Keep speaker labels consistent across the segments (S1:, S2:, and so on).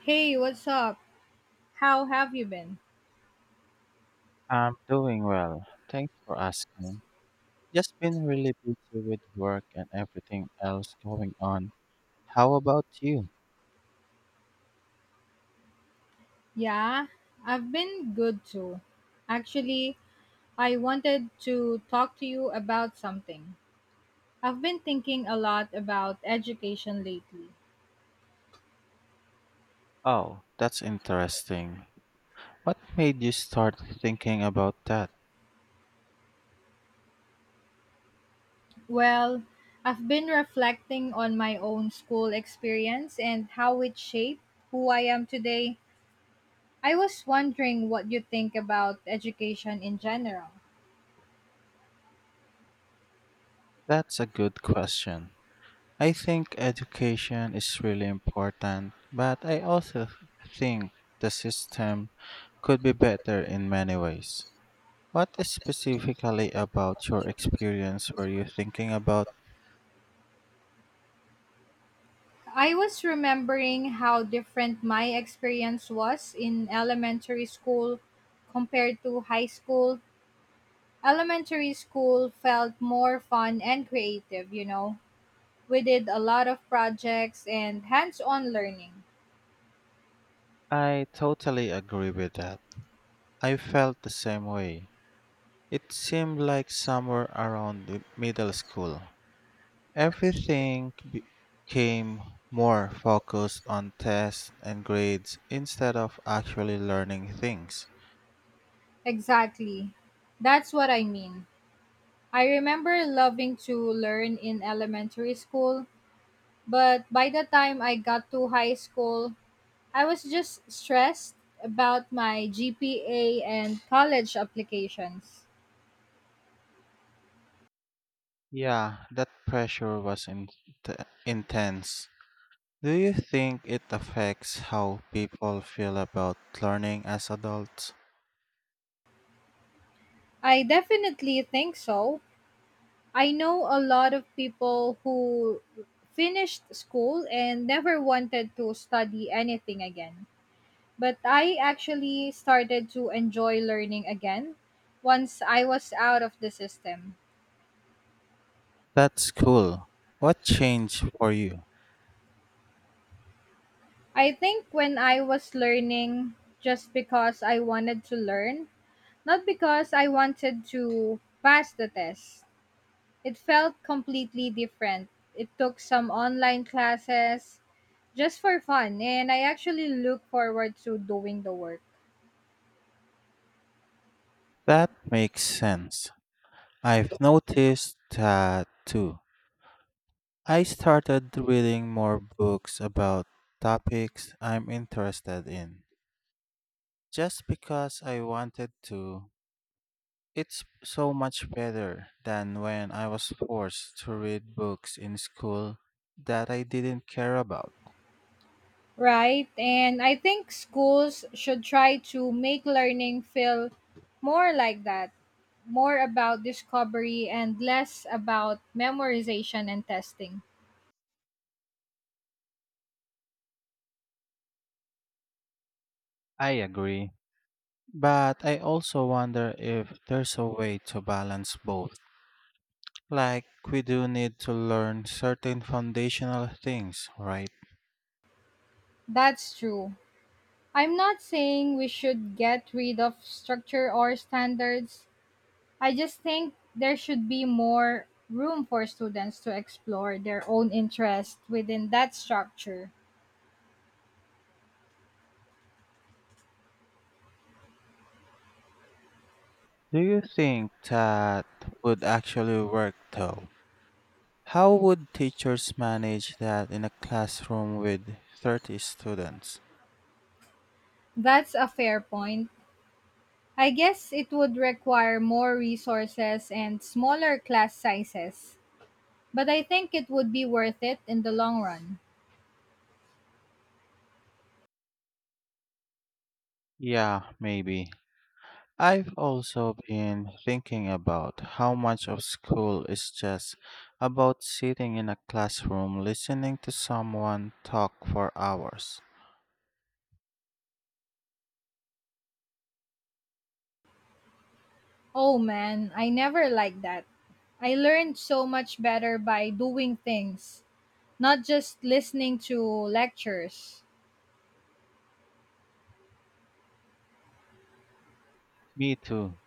S1: Hey, what's up? How have you been?
S2: I'm doing well. Thanks for asking. Just been really busy with work and everything else going on. How about you?
S1: Yeah, I've been good too. Actually, I wanted to talk to you about something. I've been thinking a lot about education lately.
S2: Oh, that's interesting. What made you start thinking about that?
S1: Well, I've been reflecting on my own school experience and how it shaped who I am today. I was wondering what you think about education in general.
S2: That's a good question. I think education is really important, but I also think the system could be better in many ways. What specifically about your experience were you thinking about?
S1: I was remembering how different my experience was in elementary school compared to high school. Elementary school felt more fun and creative, you know. We did a lot of projects and hands on learning.
S2: I totally agree with that. I felt the same way. It seemed like somewhere around the middle school, everything became more focused on tests and grades instead of actually learning things.
S1: Exactly. That's what I mean. I remember loving to learn in elementary school, but by the time I got to high school, I was just stressed about my GPA and college applications.
S2: Yeah, that pressure was t- intense. Do you think it affects how people feel about learning as adults?
S1: I definitely think so. I know a lot of people who finished school and never wanted to study anything again. But I actually started to enjoy learning again once I was out of the system.
S2: That's cool. What changed for you?
S1: I think when I was learning just because I wanted to learn, not because I wanted to pass the test. It felt completely different. It took some online classes just for fun, and I actually look forward to doing the work.
S2: That makes sense. I've noticed that too. I started reading more books about topics I'm interested in just because I wanted to. It's so much better than when I was forced to read books in school that I didn't care about.
S1: Right? And I think schools should try to make learning feel more like that, more about discovery and less about memorization and testing.
S2: I agree. But I also wonder if there's a way to balance both. Like, we do need to learn certain foundational things, right?
S1: That's true. I'm not saying we should get rid of structure or standards, I just think there should be more room for students to explore their own interests within that structure.
S2: Do you think that would actually work though? How would teachers manage that in a classroom with 30 students?
S1: That's a fair point. I guess it would require more resources and smaller class sizes, but I think it would be worth it in the long run.
S2: Yeah, maybe. I've also been thinking about how much of school is just about sitting in a classroom listening to someone talk for hours.
S1: Oh man, I never liked that. I learned so much better by doing things, not just listening to lectures.
S2: Me too.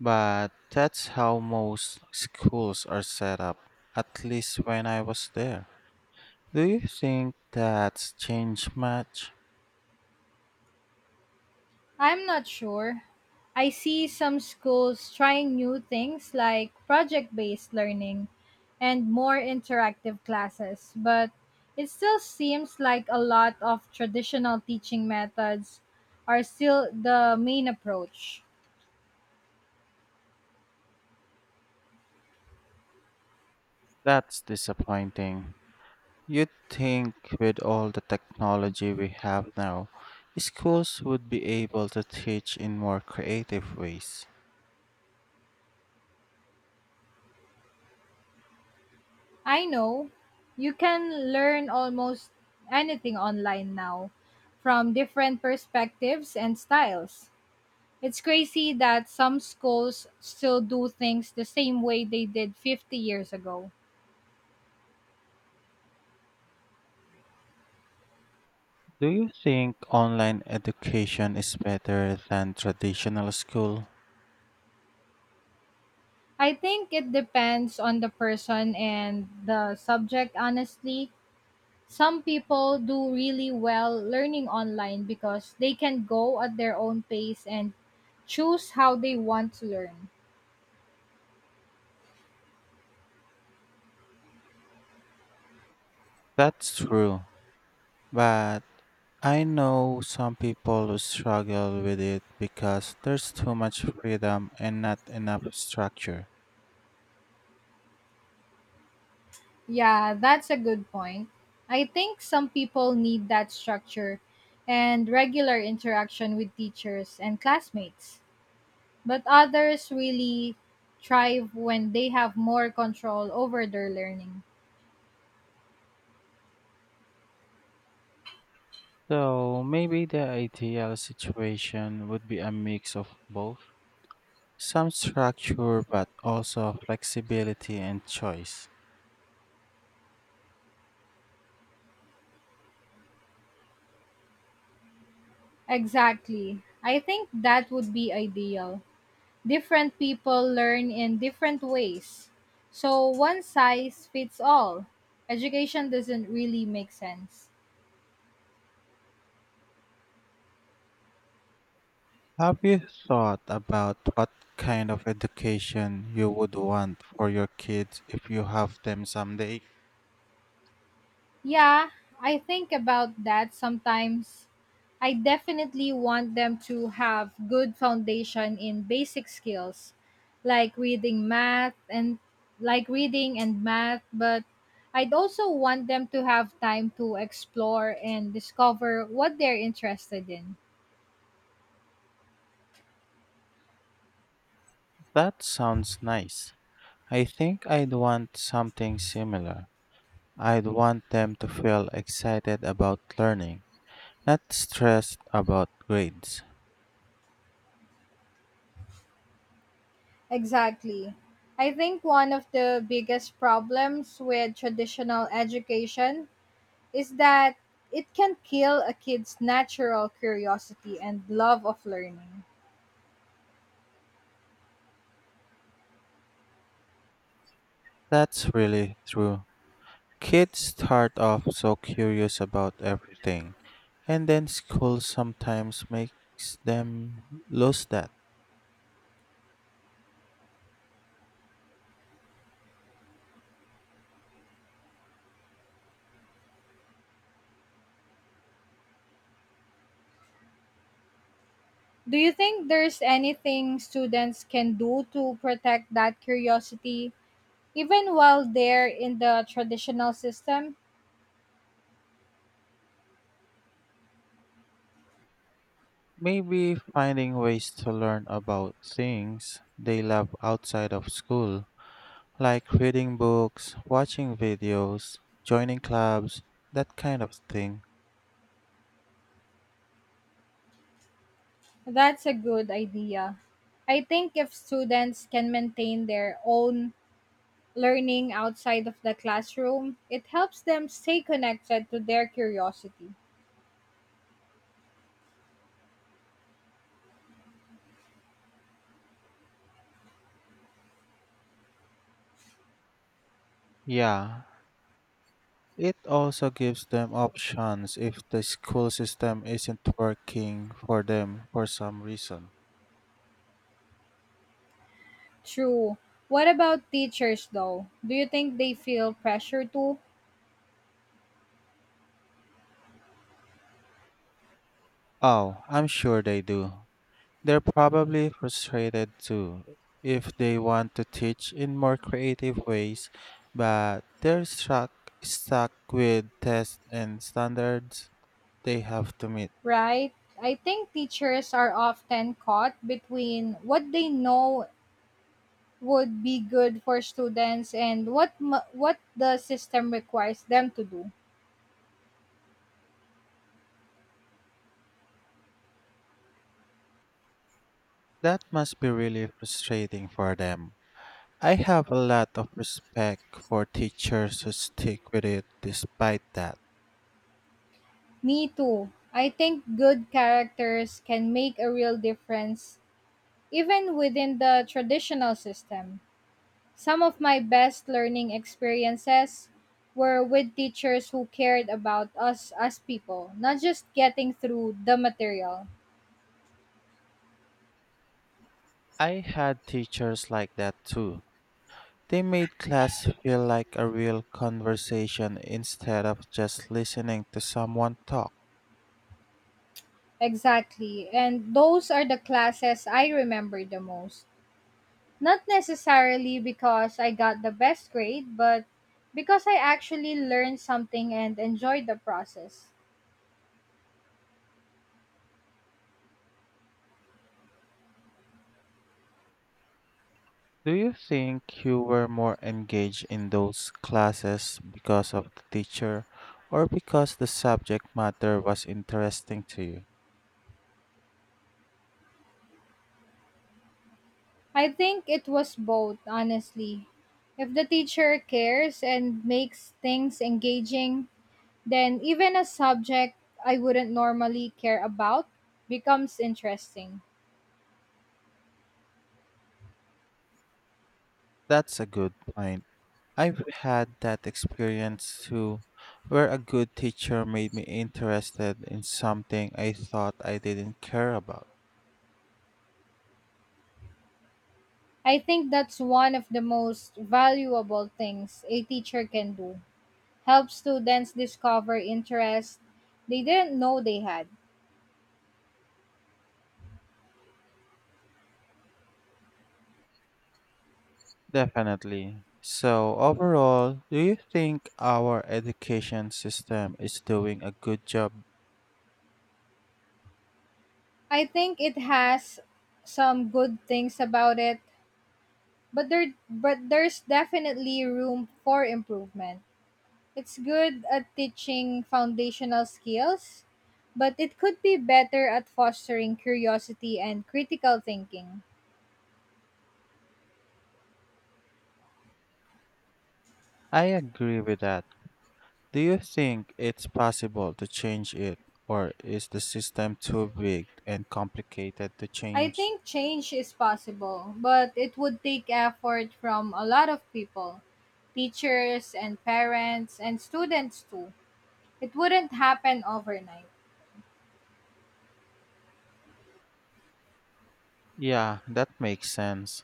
S2: But that's how most schools are set up, at least when I was there. Do you think that's changed much?
S1: I'm not sure. I see some schools trying new things like project based learning and more interactive classes, but it still seems like a lot of traditional teaching methods are still the main approach.
S2: That's disappointing. You'd think with all the technology we have now, schools would be able to teach in more creative ways.
S1: I know you can learn almost anything online now from different perspectives and styles. It's crazy that some schools still do things the same way they did 50 years ago.
S2: Do you think online education is better than traditional school?
S1: I think it depends on the person and the subject, honestly. Some people do really well learning online because they can go at their own pace and choose how they want to learn.
S2: That's true, but I know some people who struggle with it because there's too much freedom and not enough structure.
S1: Yeah, that's a good point. I think some people need that structure and regular interaction with teachers and classmates. But others really thrive when they have more control over their learning.
S2: So maybe the ideal situation would be a mix of both, some structure but also flexibility and choice.
S1: Exactly. I think that would be ideal. Different people learn in different ways. So one size fits all. Education doesn't really make sense.
S2: Have you thought about what kind of education you would want for your kids if you have them someday?
S1: Yeah, I think about that sometimes. I definitely want them to have good foundation in basic skills like reading math and like reading and math, but I'd also want them to have time to explore and discover what they're interested in.
S2: That sounds nice. I think I'd want something similar. I'd want them to feel excited about learning, not stressed about grades.
S1: Exactly. I think one of the biggest problems with traditional education is that it can kill a kid's natural curiosity and love of learning.
S2: That's really true. Kids start off so curious about everything, and then school sometimes makes them lose that.
S1: Do you think there's anything students can do to protect that curiosity even while they're in the traditional system?
S2: Maybe finding ways to learn about things they love outside of school, like reading books, watching videos, joining clubs, that kind of thing.
S1: That's a good idea. I think if students can maintain their own learning outside of the classroom, it helps them stay connected to their curiosity.
S2: Yeah, it also gives them options if the school system isn't working for them for some reason.
S1: True. What about teachers though? Do you think they feel pressure to,
S2: Oh, I'm sure they do. They're probably frustrated too if they want to teach in more creative ways, but they're stuck with tests and standards they have to meet.
S1: right? I think teachers are often caught between what they know would be good for students and what the system requires them to do.
S2: That must be really frustrating for them. I have a lot of respect for teachers who stick with it despite that.
S1: Me too. I think good characters can make a real difference even within the traditional system. Some of my best learning experiences were with teachers who cared about us as people, not just getting through the material.
S2: I had teachers like that too. They made class feel like a real conversation instead of just listening to someone talk.
S1: Exactly. And those are the classes I remember the most. Not necessarily because I got the best grade, but because I actually learned something and enjoyed the process.
S2: Do you think you were more engaged in those classes because of the teacher or because the subject matter was interesting to you?
S1: I think it was both, honestly. If the teacher cares and makes things engaging, then even a subject I wouldn't normally care about becomes interesting.
S2: That's a good point. I've had that experience too, where a good teacher made me interested in something I thought I didn't care about.
S1: I think that's one of the most valuable things a teacher can do. Help students discover interests they didn't know they had.
S2: Definitely. So, overall, do you think our education system is doing a good job?
S1: I think it has some good things about it, but there's definitely room for improvement. It's good at teaching foundational skills, but it could be better at fostering curiosity and critical thinking.
S2: I agree with that. Do you think it's possible to change it, or is the system too big and complicated to
S1: I
S2: change?
S1: think change is possible, but it would take effort from a lot of people, teachers and parents and students too. It wouldn't happen overnight.
S2: Yeah, that makes sense.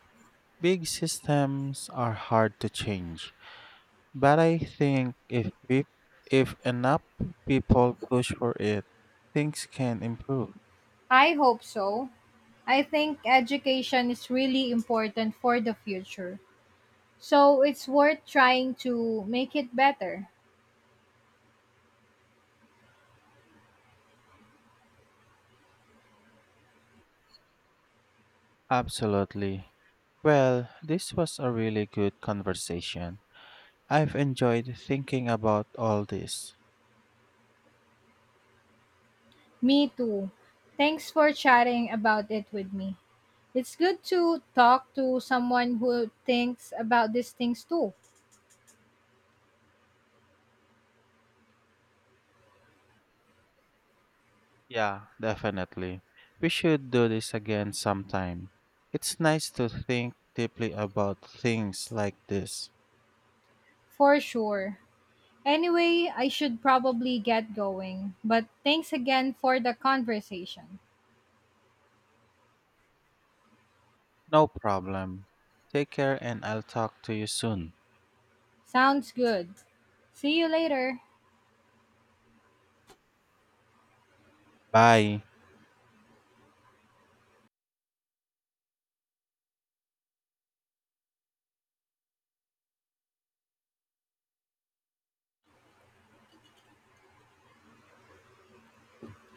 S2: Big systems are hard to change, but I think if we, if enough people push for it, things can improve.
S1: I hope so. I think education is really important for the future. So it's worth trying to make it better.
S2: Absolutely. Well, this was a really good conversation. I've enjoyed thinking about all this.
S1: Me too. Thanks for chatting about it with me. It's good to talk to someone who thinks about these things too,
S2: Yeah, definitely. We should do this again sometime. It's nice to think deeply about things like this.
S1: for sure. Anyway, I should probably get going, but thanks again for the conversation.
S2: No problem. Take care and I'll talk to you soon.
S1: Sounds good. See you later.
S2: Bye.